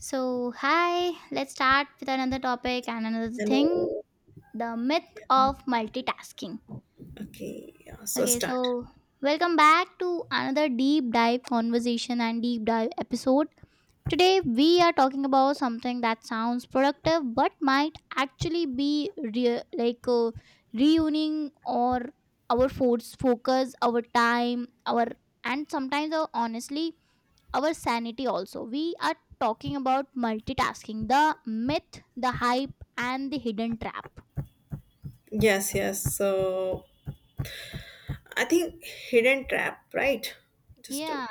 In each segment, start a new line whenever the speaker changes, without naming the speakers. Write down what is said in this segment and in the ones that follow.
So, hi, let's start with another topic and another thing,
Hello.
the myth
Yeah.
of multitasking.
Okay. Yeah. So
Okay,
start.
so welcome back to another deep dive conversation and deep dive episode. Today, we are talking about something that sounds productive but might actually be reuniting or our force focus, our time, our and sometimes our honestly our sanity also. We are talking about multitasking, the myth, the hype, and the hidden trap.
Yes. Yes. So I think hidden trap, right? Just to
Yeah.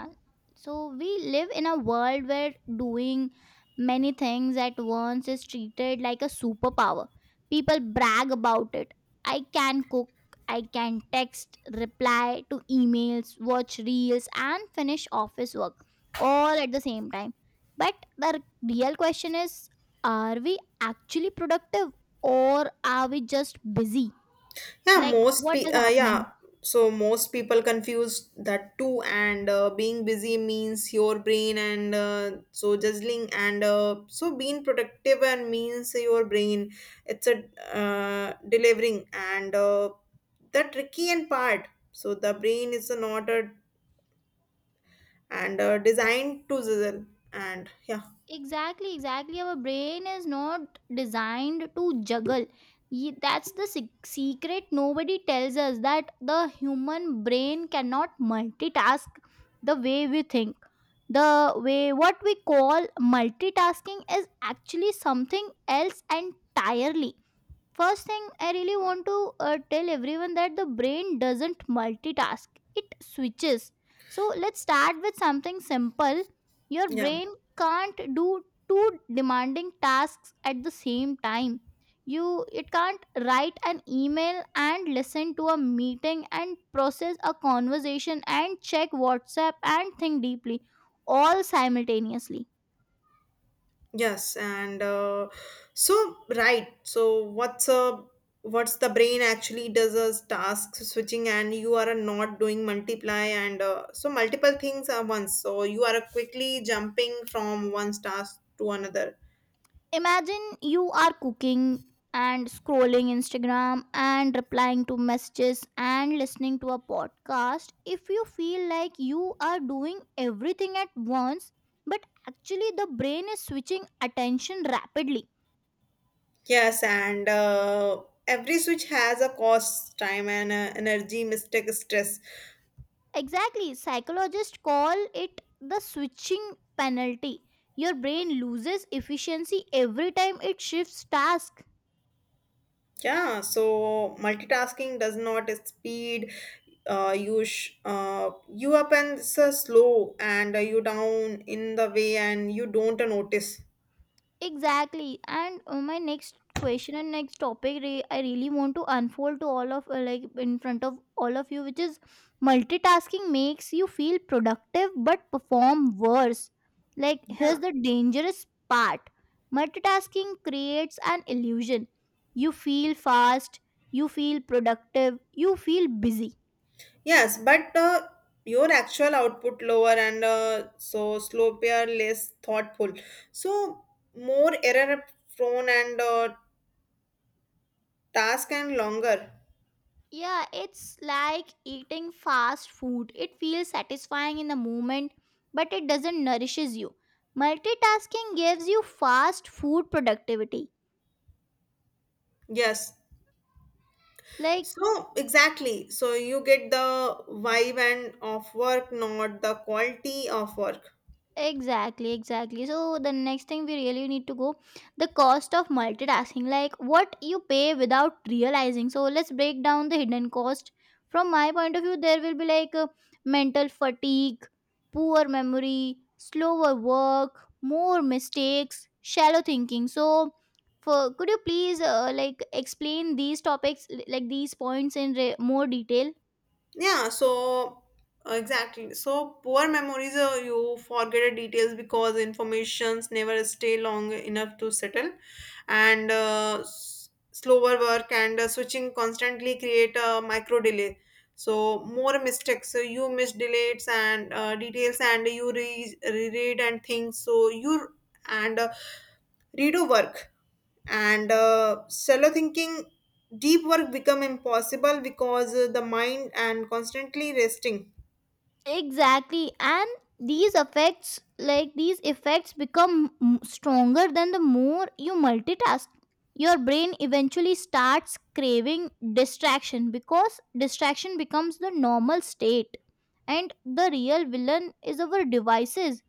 So we live in a world where doing many things at once is treated like a superpower. People brag about it. I can cook, I can text, reply to emails, watch reels, and finish office work all at the same time. But the real question is, are we actually productive or are we just busy?
yeah.
Like,
Most
what
pe
is happening?
yeah. So most people confuse that too, and being busy means your brain, and so juggling, and so being productive and means your brain. It's a delivering, and the tricky and part. So the brain is not a and designed to sizzle and yeah
Exactly, exactly. Our brain is not designed to juggle. That's the secret nobody tells us that the human brain cannot multitask the way we think. The way what we call multitasking is actually something else entirely. First thing, I really want to tell everyone that the brain doesn't multitask, it switches. So, let's start with something simple. Your
yeah
brain can't do two demanding tasks at the same time. You It can't write an email and listen to a meeting and process a conversation and check WhatsApp and think deeply all simultaneously.
yes and so right so what's the brain actually does a task switching and you are not doing multiply and so multiple things at once so you are quickly jumping from one task to another
Imagine you are cooking and scrolling Instagram and replying to messages and listening to a podcast. If you feel like you are doing everything at once, but actually the brain is switching attention rapidly.
yes and every switch has a cost time and energy mistake stress.
Exactly, psychologists call it the switching penalty. Your brain loses efficiency every time it shifts task.
Yeah, so multitasking does not speed you sh- you up and so slow and you down in the way and you don't notice.
Exactly. And My next question and next topic, I really want to unfold to all of like in front of all of you, which is multitasking makes you feel productive but perform worse. Like
Yeah.
here's the dangerous part. Multitasking creates an illusion. You feel fast, you feel productive, you feel busy.
Yes, but your actual output lower and so slower, less thoughtful. So more error prone and task and longer.
Yeah, it's like eating fast food. It feels satisfying in the moment, but it doesn't nourishes you. Multitasking gives you fast food productivity.
Yes.
Like
So exactly. So you get the vibe and of work, not the quality of work.
exactly, exactly. So the next thing we really need to go, the cost of multitasking, like what you pay without realizing. So let's break down the hidden cost. From my point of view, there will be like mental fatigue, poor memory, slower work, more mistakes, shallow thinking. So for could you please like explain these topics like these points in more detail?
Yeah, so exactly. So poor memories, you forget the details because informations never stay long enough to settle, and slower work and switching constantly create a micro delay. So more mistakes, so you miss delates and details, and you reread and things. So you and redo work and shallow thinking deep work become impossible because the mind and constantly resting
Exactly, and these effects, like these effects, become stronger than the more you multitask. Your brain eventually starts craving distraction because distraction becomes the normal state, and the real villain is our devices,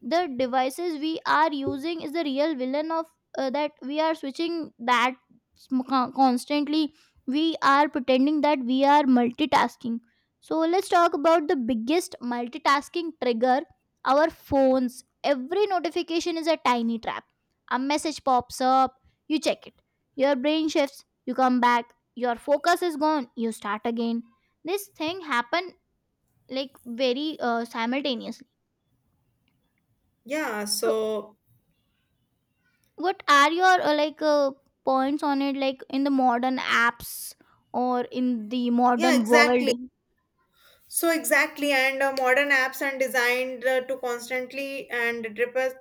the devices we are using is the real villain of that we are switching, that constantly we are pretending that we are multitasking. So let's talk about the biggest multitasking trigger, our phones. Every notification is a tiny trap. A message pops up, you check it, your brain shifts, you come back, your focus is gone, you start again. This thing happen like very simultaneously.
yeah
So
so
what are your points on it, like in the modern apps or in the
yeah
modern world?
exactly. So exactly, and modern apps are designed to constantly and repress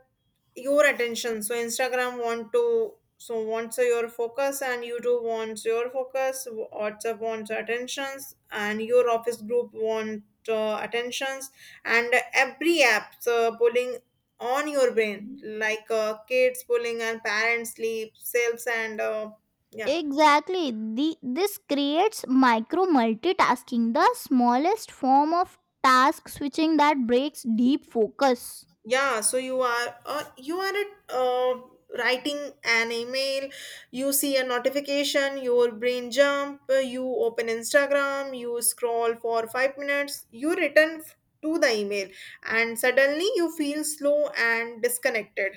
your attention. So Instagram want to so wants your focus, and YouTube wants your focus. WhatsApp wants attentions, and your office group want attentions, and every app pulling on your brain like kids pulling and parents sleep, sales and yeah.
Exactly, the this creates micro multitasking, the smallest form of task switching that breaks deep focus.
Yeah, so you are at, uh, writing an email, you see a notification, your brain jump, you open Instagram, you scroll for 5 minutes, to the email and suddenly you feel slow and disconnected.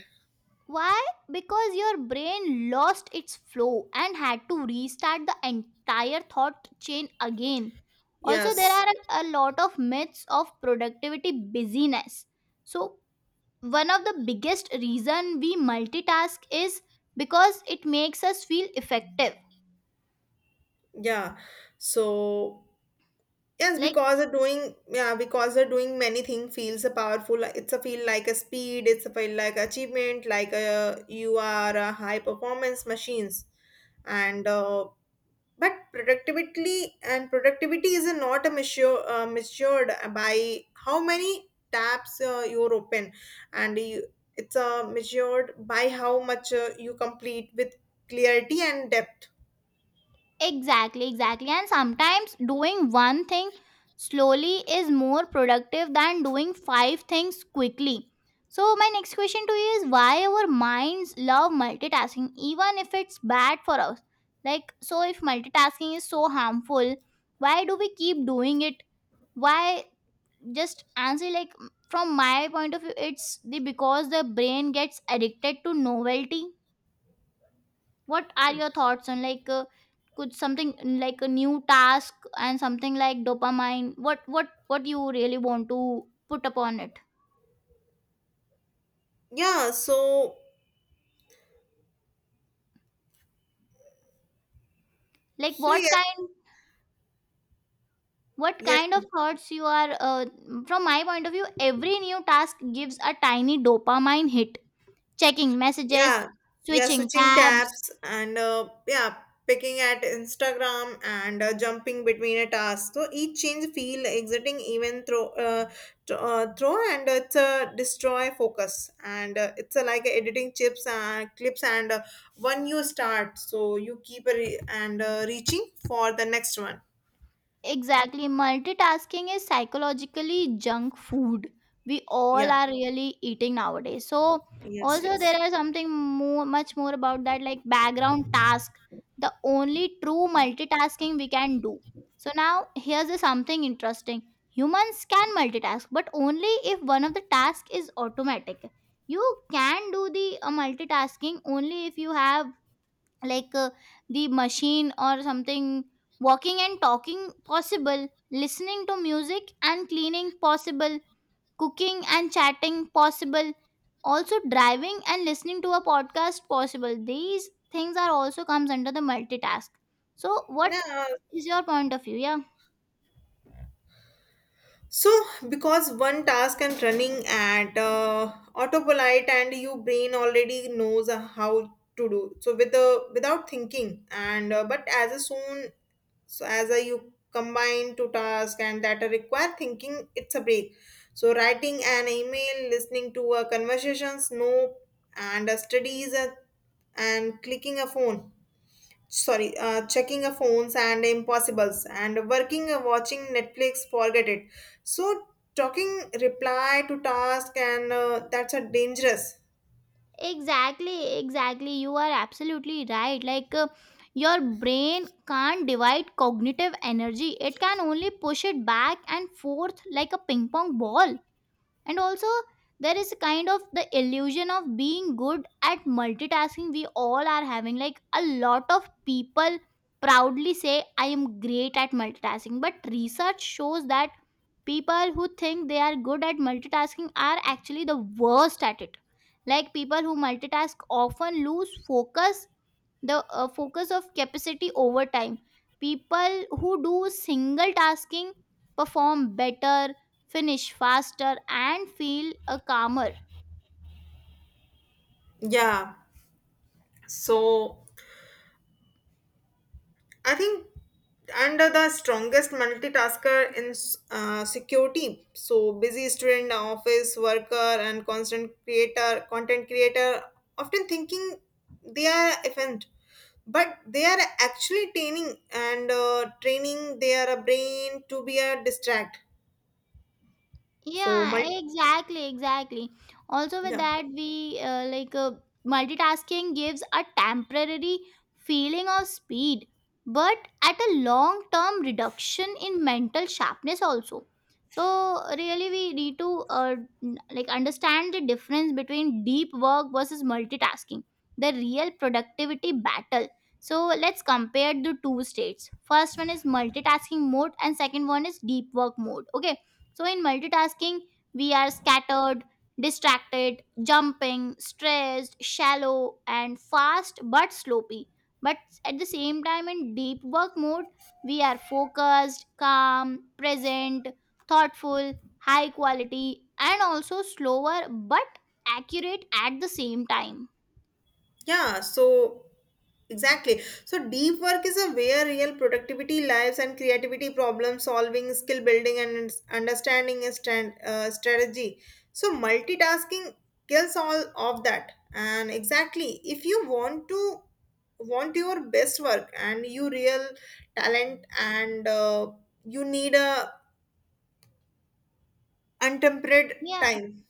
Why? Because your brain lost its flow and had to restart the entire thought chain again. Also, there
Yes.
are a lot of myths of productivity busyness. So one of the biggest reason we multitask is because it makes us feel effective.
Yeah. So yes,
Like
because they're doing many things feels a powerful. It's a feel like a speed. It's a feel like achievement. Like a, you are a high performance machines, and but productivity and productivity is not a measure measured by how many tabs you're open, and you, it's measured by how much you complete with clarity and depth.
exactly, exactly. And sometimes doing one thing slowly is more productive than doing five things quickly. So my next question to you is why our minds love multitasking even if it's bad for us. Like so, if multitasking is so harmful, why do we keep doing it? Why? Just answer like from my point of view, it's the because the brain gets addicted to novelty. What are your thoughts on could something like a new task and something like dopamine? What you really want to put upon it?
Yeah. So
Like
so
what
yes
kind what
yes
kind of thoughts you are from my point of view, every new task gives a tiny dopamine hit. Checking messages,
yeah yeah
switching
switching
tabs.
tabs and yeah picking at Instagram and jumping between a task so each change feel exiting throw and it's a destroy focus and it's a, like editing chips and clips and when you start so you keep a re- and reaching for the next one
Exactly. Multitasking is psychologically junk food. We all
yeah
are really eating nowadays. So,
yes
also, there
yes
are something more, much more about that, like background task, the only true multitasking we can do. So, now here's a something interesting: humans can multitask, but only if one of the task is automatic. You can do the multitasking only if you have like uh, the machine or something. Walking and talking, possible. Listening to music and cleaning, possible. Cooking and chatting, possible. Also driving and listening to a podcast, possible. These things are also comes under the multitask. So what
yeah.
is your point of view? Yeah,
So, because one task and running at autopilot, and your brain already knows how to do so with the without thinking, and but as a soon so as a you combine 2 tasks and that are require thinking, it's a break. So, writing an email, listening to conversations, no, and studies, and clicking a phone sorry checking a phones and impossibles and working watching Netflix forget it so talking reply to task and that's a dangerous
exactly, exactly. You are absolutely right. Like your brain can't divide cognitive energy, it can only push it back and forth like a ping pong ball. And also, there is a kind of the illusion of being good at multitasking we all are having. Like a lot of people proudly say, I am great at multitasking, but research shows that people who think they are good at multitasking are actually the worst at it. Like people who multitask often lose focus, the focus of capacity over time. People who do single tasking perform better, finish faster, and feel a calmer.
yeah so I think under the strongest multitasker in security so busy student office worker and constant creator content creator often thinking they are efficient but they are actually training and training their brain to be a distract so
Yeah, exactly, exactly. Also, with
yeah
that, we multitasking gives a temporary feeling of speed, but at a long term reduction in mental sharpness, also. So, really, we need to like understand the difference between deep work versus multitasking, the real productivity battle. So, let's compare the two states. First one is multitasking mode, and second one is deep work mode. Okay, so in multitasking, we are scattered, distracted, jumping, stressed, shallow, and fast but sloppy. But at the same time, in deep work mode, we are focused, calm, present, thoughtful, high quality, and also slower but accurate at the same time.
yeah so exactly so deep work is a where real productivity lives and creativity problem solving skill building and understanding is stand, strategy so multitasking kills all of that and exactly if you want to want your best work and you real talent and you need a untempered
Yeah,
time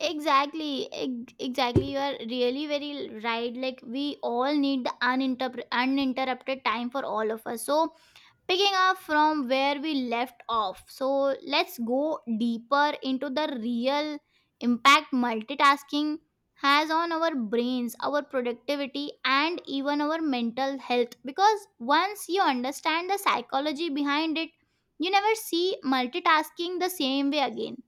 exactly. Exactly. You are really very right. Like, we all need the uninterrupted time for all of us. So, picking up from where we left off, so let's go deeper into the real impact multitasking has on our brains, our productivity, and even our mental health, because once you understand the psychology behind it, you never see multitasking the same way again.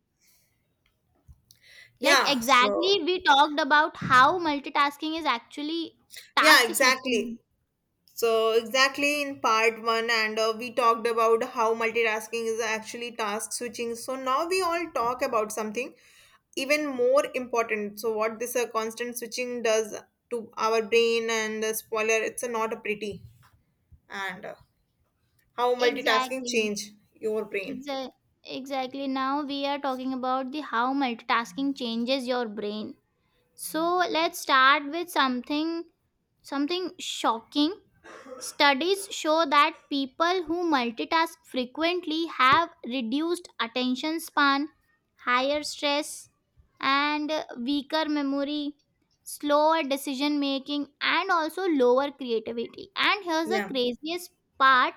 Like
yeah so
exactly, we talked about how multitasking is actually
yeah
task
exactly
switching.
so exactly in part one and we talked about how multitasking is actually task switching so now we all talk about something even more important so what this constant switching does to our brain and spoiler it's not a pretty and how multitasking
Exactly.
change your brain
Exa- exactly. Now we are talking about the how multitasking changes your brain. So let's start with something, something shocking. Studies show that people who multitask frequently have reduced attention span, higher stress, and weaker memory, slower decision making, and also lower creativity. And here's the
yeah.
craziest part.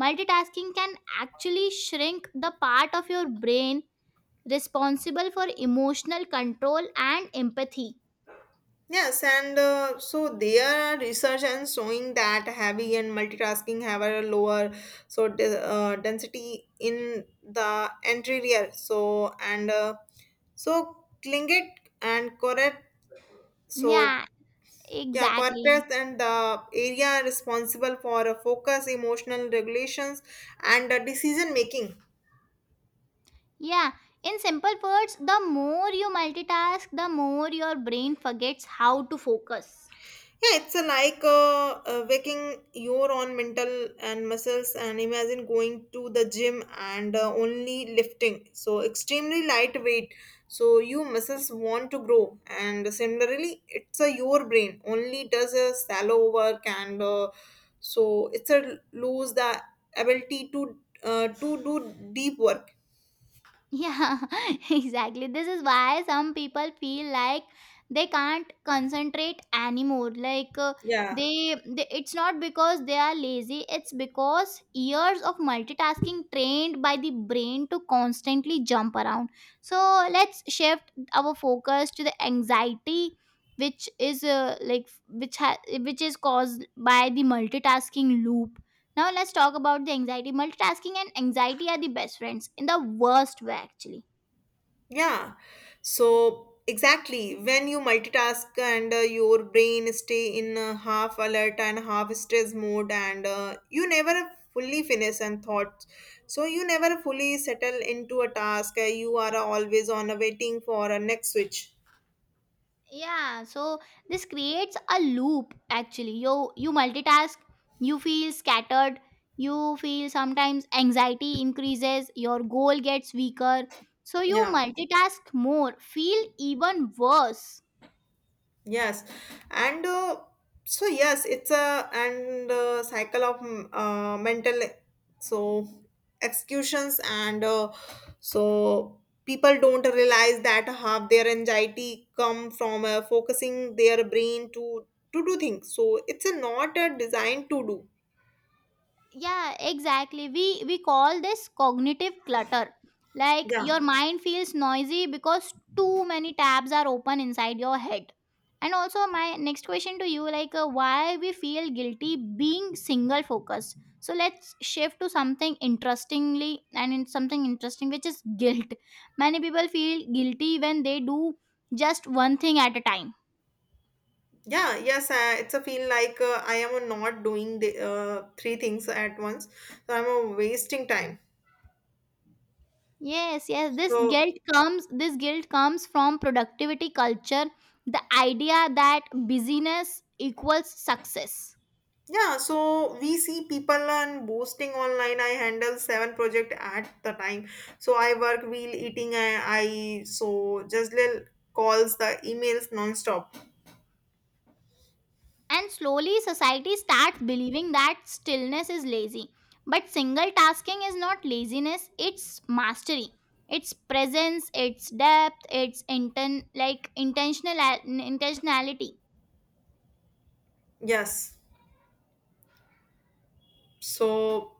Multitasking can actually shrink the part of your brain responsible for emotional control and empathy.
Yes, and so there are research and showing that heavy and multitasking have a lower so density in the anterior. So and so Klingit and correct. So
Yeah,
yeah,
exactly.
cortex and the area responsible for focus, emotional regulations, and decision making.
Yeah, in simple words, the more you multitask, the more your brain forgets how to focus.
Yeah, it's a like waking your own mental and muscles, and imagine going to the gym and only lifting. So extremely lightweight. So you muscles want to grow, and similarly, it's a your brain only does a shallow work, and so it's a lose the ability to do deep work.
Yeah, exactly. This is why some people feel like they can't concentrate anymore. Like
Yeah.
it's not because they are lazy, it's because years of multitasking trained by the brain to constantly jump around. So let's shift our focus to the anxiety which is which which is caused by the multitasking loop. Now let's talk about the anxiety. Multitasking and anxiety are the best friends in the worst way actually.
Yeah. So exactly when you multitask and your brain stay in half alert and half stress mode and you never fully finish and thoughts. So you never fully settle into a task. You are always on a waiting for a next switch.
Yeah, so this creates a loop actually. You multitask, you feel scattered, you feel sometimes anxiety increases, your goal gets weaker. So you
Yeah.
multitask more, feel even worse.
Yes, and so yes, it's a and cycle of mental so executions and so people don't realize that half their anxiety come from focusing their brain to do things. So it's a not a designed to do.
Yeah, exactly, we call this cognitive clutter, like
Yeah,
your mind feels noisy because too many tabs are open inside your head. And also, my next question to you, like why we feel guilty being single focused. So let's shift to something interestingly and in something interesting, which is guilt. Many people feel guilty when they do just one thing at a time.
yeah, yes. I, it's a feel like I am not doing the three things at once, so I'm wasting time.
Yes, yes. This
So
guilt comes this guilt comes from productivity culture, the idea that busyness equals success.
yeah, so we see people on boasting online. I handle 7 project at the time. So I work while eating. I, I Jazlil calls the emails non-stop.
And slowly society starts believing that stillness is lazy. But single tasking is not laziness, it's mastery. It's presence, it's depth, it's intentional intentionality.
Yes. So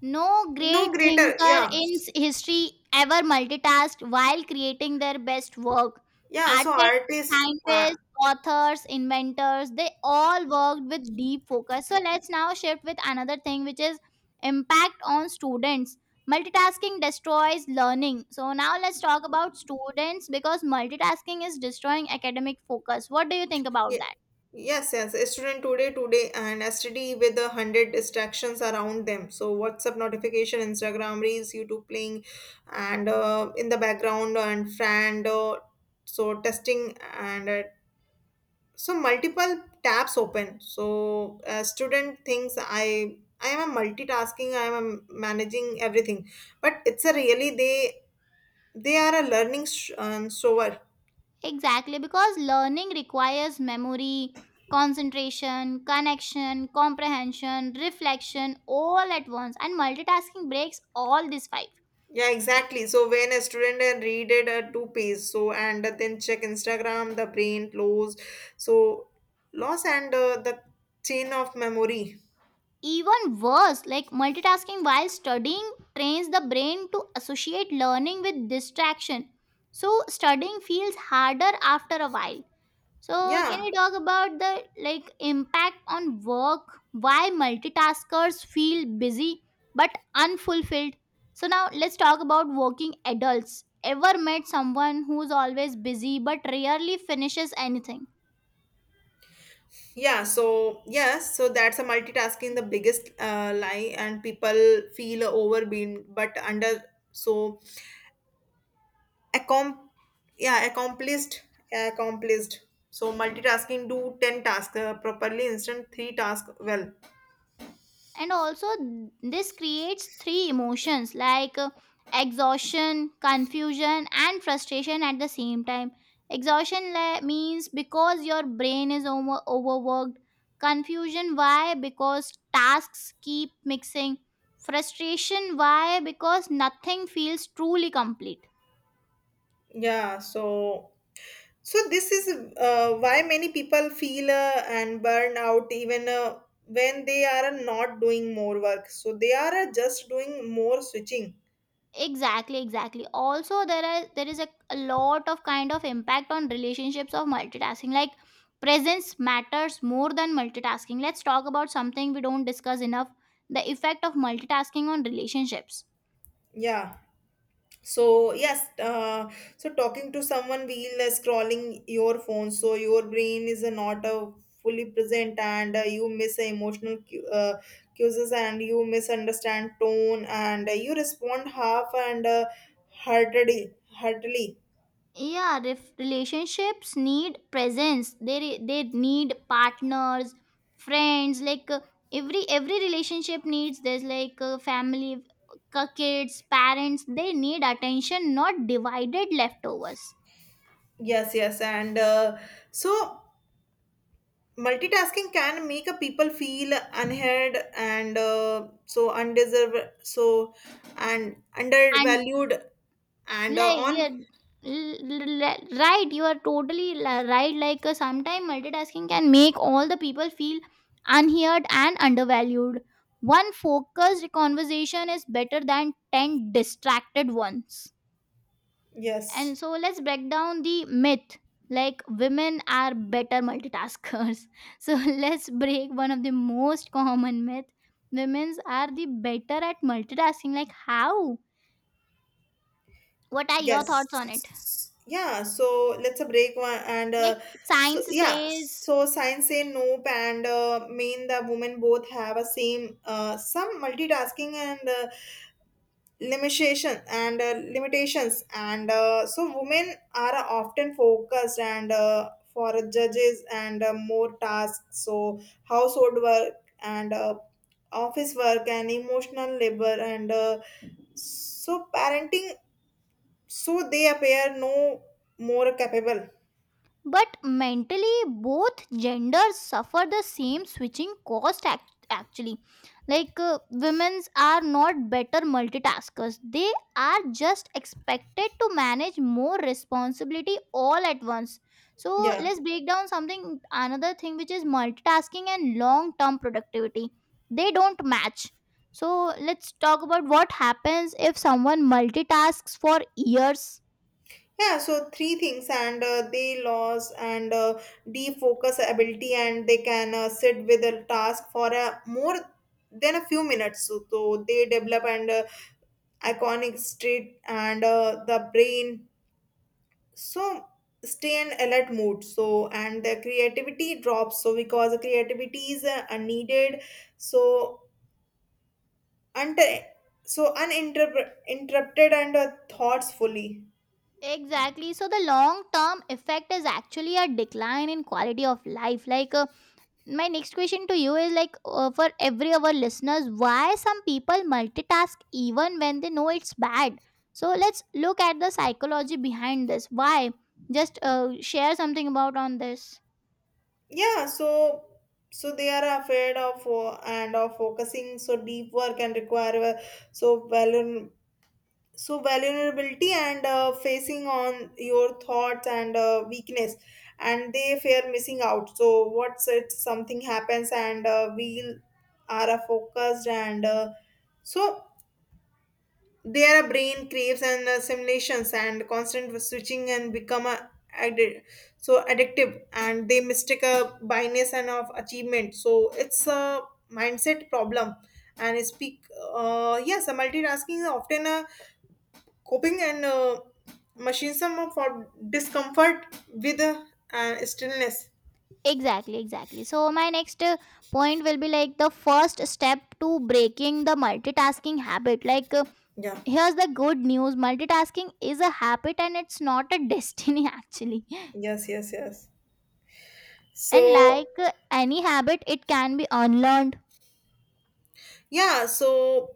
No
no
great
greater.
thinker
Yeah.
in history ever multitasked while creating their best work.
Yeah. So
Artists,
artist,
scientists, authors, inventors, they all worked with deep focus. So let's now shift with another thing, which is impact on students. Multitasking destroys learning. So now let's talk about students because multitasking is destroying academic focus. What do you think about
Ye-
that?
Yes, yes. A student today, and STD with 100 distractions around them. So WhatsApp notification, Instagram reels, YouTube playing, and in the background and friend. So testing and so multiple tabs open. So student thinks I am a multitasking. I am a managing everything, but it's a really they are a learning so
Exactly, because learning requires memory, concentration, connection, comprehension, reflection all at once, and multitasking breaks all these five.
yeah, exactly. So when a student and read it at 2 page, so and then check Instagram, the brain flows. So loss and the chain of memory.
Even worse, like multitasking while studying trains the brain to associate learning with distraction. So, studying feels harder after a while. So, can
Yeah,
you talk about the, like, impact on work? Why multitaskers feel busy but unfulfilled? So now let's talk about working adults. Ever met someone who's always busy but rarely finishes anything?
yeah. So yes, so that's a multitasking the biggest lie, and people feel overwhelmed, but under so accom yeah accomplished accomplished. So multitasking do 10 tasks properly, instant 3 task well.
And also, this creates three emotions, like exhaustion, confusion and frustration at the same time. Exhaustion means because your brain is overworked. Confusion, why? Because tasks keep mixing. Frustration, why? Because nothing feels truly complete.
Yeah. So so this is why many people feel and burn out even when they are not doing more work. So they are just doing more switching.
Exactly, exactly. Also there is a lot of kind of impact on relationships of multitasking. Like, presence matters more than multitasking. Let's talk about something we don't discuss enough, the effect of multitasking on relationships.
Yeah. So yes. So talking to someone while scrolling your phone, so your brain is not fully present, and you miss emotional cues, and you misunderstand tone, and you respond half heartedly, heartedly.
Yeah, if relationships need presence, they need partners, friends, like every relationship needs, there's like family, kids, parents. They need attention, not divided leftovers.
Yes, yes, and so multitasking can make a people feel unheard and so undeserved, so and undervalued, and
Like,
on.
yeah, right, you are totally right. Like sometimes multitasking can make all the people feel unheard and undervalued. One focused conversation is better than 10 distracted ones.
Yes,
And so let's break down the myth, like, women are better multitaskers. So let's break one of the most common myth. Women are the better at multitasking, like, how? What are your thoughts on it?
yes, yeah. So let's a break one and
Like,
so
science
yeah.
says.
So science say nope and mean the women both have a same some multitasking and limitations and so women are often focused and for judges and more tasks so household work and office work and emotional labor and so parenting so they appear no more capable.
But mentally, both genders suffer the same switching cost, actually. Like women's are not better multitaskers, they are just expected to manage more responsibility all at once. So
Yeah.
let's break down something, another thing, which is multitasking and long term productivity. They don't match. So let's talk about what happens if someone multitasks for years.
Yeah, so three things, and they lose and defocus ability, and they can sit with a task for a more than a few minutes. So, so they develop and iconic street and the brain. So stay in alert mood. So and the creativity drops. So because the creativity is needed. So and so uninterrupted and thoughts fully.
Exactly. So the long term effect is actually a decline in quality of life. Like my next question to you is like for every of our listeners, why some people multitask even when they know it's bad. So let's look at the psychology behind this. Why? Just share something about on this.
Yeah so so they are afraid of and of focusing so deep work and require so value so vulnerability and facing on your thoughts and weakness and they fear missing out so what's it something happens and we are focused and so their brain craves and simulations and constant switching and become a, addi- so addictive and they mistake a bias and of achievement so it's a mindset problem and I speak yes a multitasking is often a coping and machinism for discomfort with and stillness
Exactly, exactly. So my next point will be like the first step to breaking the multitasking habit. Like
yeah
here's the good news, multitasking is a habit and it's not a destiny, actually.
yes yes yes
And
so
like any habit, it can be unlearned.
yeah so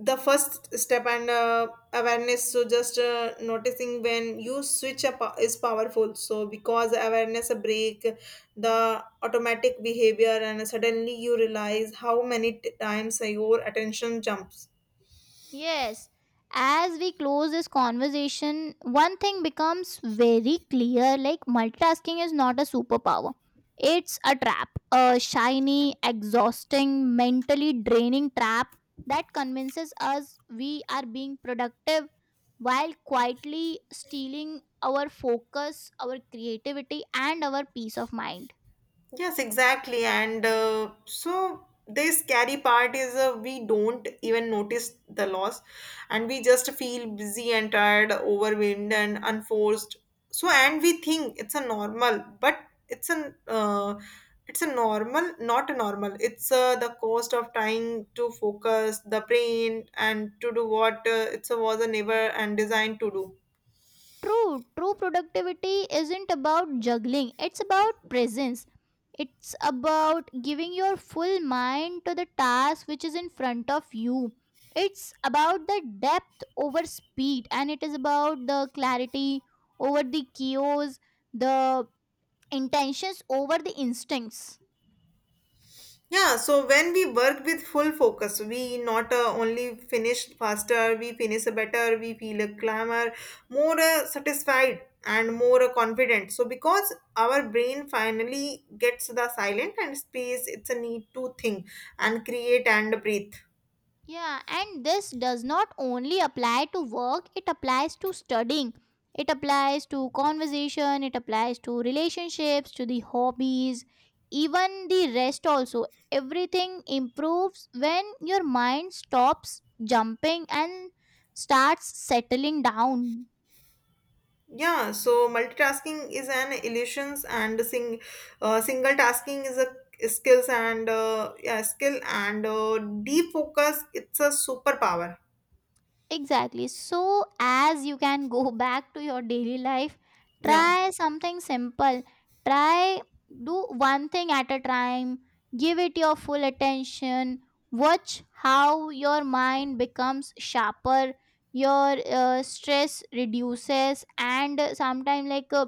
the first step and awareness so just noticing when you switch up is powerful so because awareness break the automatic behavior and suddenly you realize how many times your attention jumps.
Yes, as we close this conversation, one thing becomes very clear: like, multitasking is not a superpower, it's a trap, a shiny, exhausting, mentally draining trap that convinces us we are being productive while quietly stealing our focus, our creativity, and our peace of mind.
Yes, exactly. And so the scary part is we don't even notice the loss and we just feel busy and tired, overwhelmed and unforced. So and we think it's a normal, but it's an it's a normal, not a normal. It's the cost of trying to focus the brain and to do what it was a never and designed to do.
True, true productivity isn't about juggling, it's about presence. It's about giving your full mind to the task which is in front of you. It's about the depth over speed, and it is about the clarity over the chaos, the intentions over the instincts.
Yeah, so when we work with full focus, we not only finish faster, we finish better, we feel a clamor, more satisfied and more confident. So because our brain finally gets the silent and space, it's a need to think and create and breathe.
Yeah, and this does not only apply to work, it applies to studying. It applies to conversation, it applies to relationships, to the hobbies, even the rest also. Everything improves when your mind stops jumping and starts settling down.
Yeah, so multitasking is an illusions and single tasking is a skill and deep focus. It's a superpower.
Exactly. So, as you can go back to your daily life,
Yeah,
try something simple. Try do one thing at a time. Give it your full attention. Watch how your mind becomes sharper, your stress reduces, and sometimes like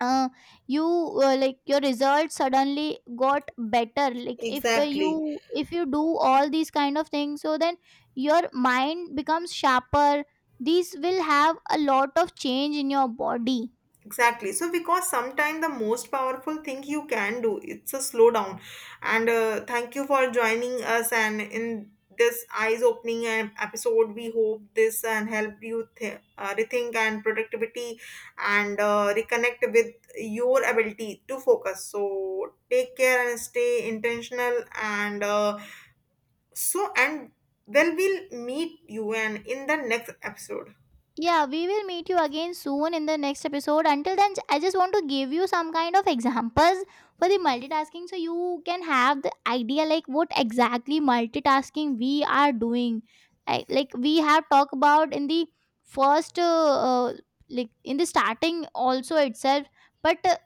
uh, you like your results suddenly got better, like if
exactly.
you, if you do all these kind of things, so then your mind becomes sharper, these will have a lot of change in your body.
Exactly. So because sometimes the most powerful thing you can do it's a slow down. And thank you for joining us. And in this eyes opening episode, we hope this and help you rethink and productivity and reconnect with your ability to focus. So take care and stay intentional. And so and then we'll meet you and in the next episode.
Yeah, we will meet you again soon in the next episode. Until then, I just want to give you some kind of examples for the multitasking so you can have the idea like what exactly multitasking we are doing. I, like we have talked about in the first, like in the starting also itself. But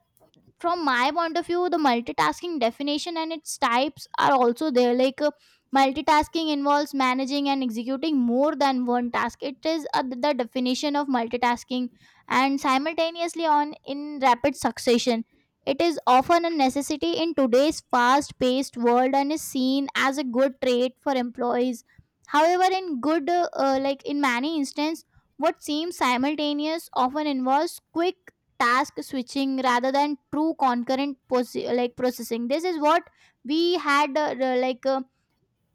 from my point of view the multitasking definition and its types are also there, like multitasking involves managing and executing more than one task, it is the definition of multitasking, and simultaneously on in rapid succession. It is often a necessity in today's fast paced world and is seen as a good trait for employees. However, in good like in many instances, what seems simultaneous often involves quick task switching rather than true concurrent like processing. This is what we had like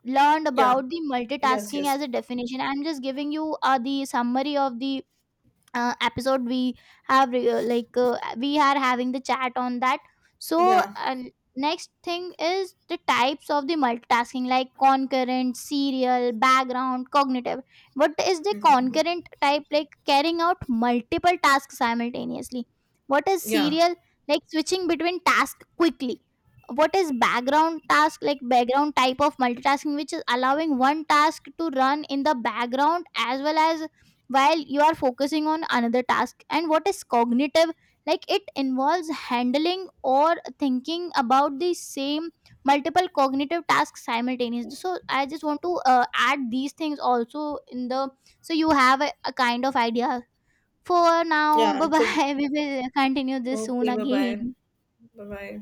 learned about the
Yeah.
multitasking as a definition. I'm just giving you the summary of the episode we have like we are having the chat on that. So
Yeah.
uh, next thing is the types of the multitasking, like concurrent, serial, background, cognitive. What is the
Mhm.
concurrent type? Like, carrying out multiple tasks simultaneously. What is
Yeah.
serial? Like switching between tasks quickly. What is background task? Like background type of multitasking, which is allowing one task to run in the background as well as while you are focusing on another task. And what is cognitive? Like, it involves handling or thinking about the same multiple cognitive tasks simultaneously. So I just want to add these things also in the, so you have a kind of idea for now.
Yeah.
Bye
It's a
bye, we will continue this soon
okay, bye bye.
again.
Bye bye.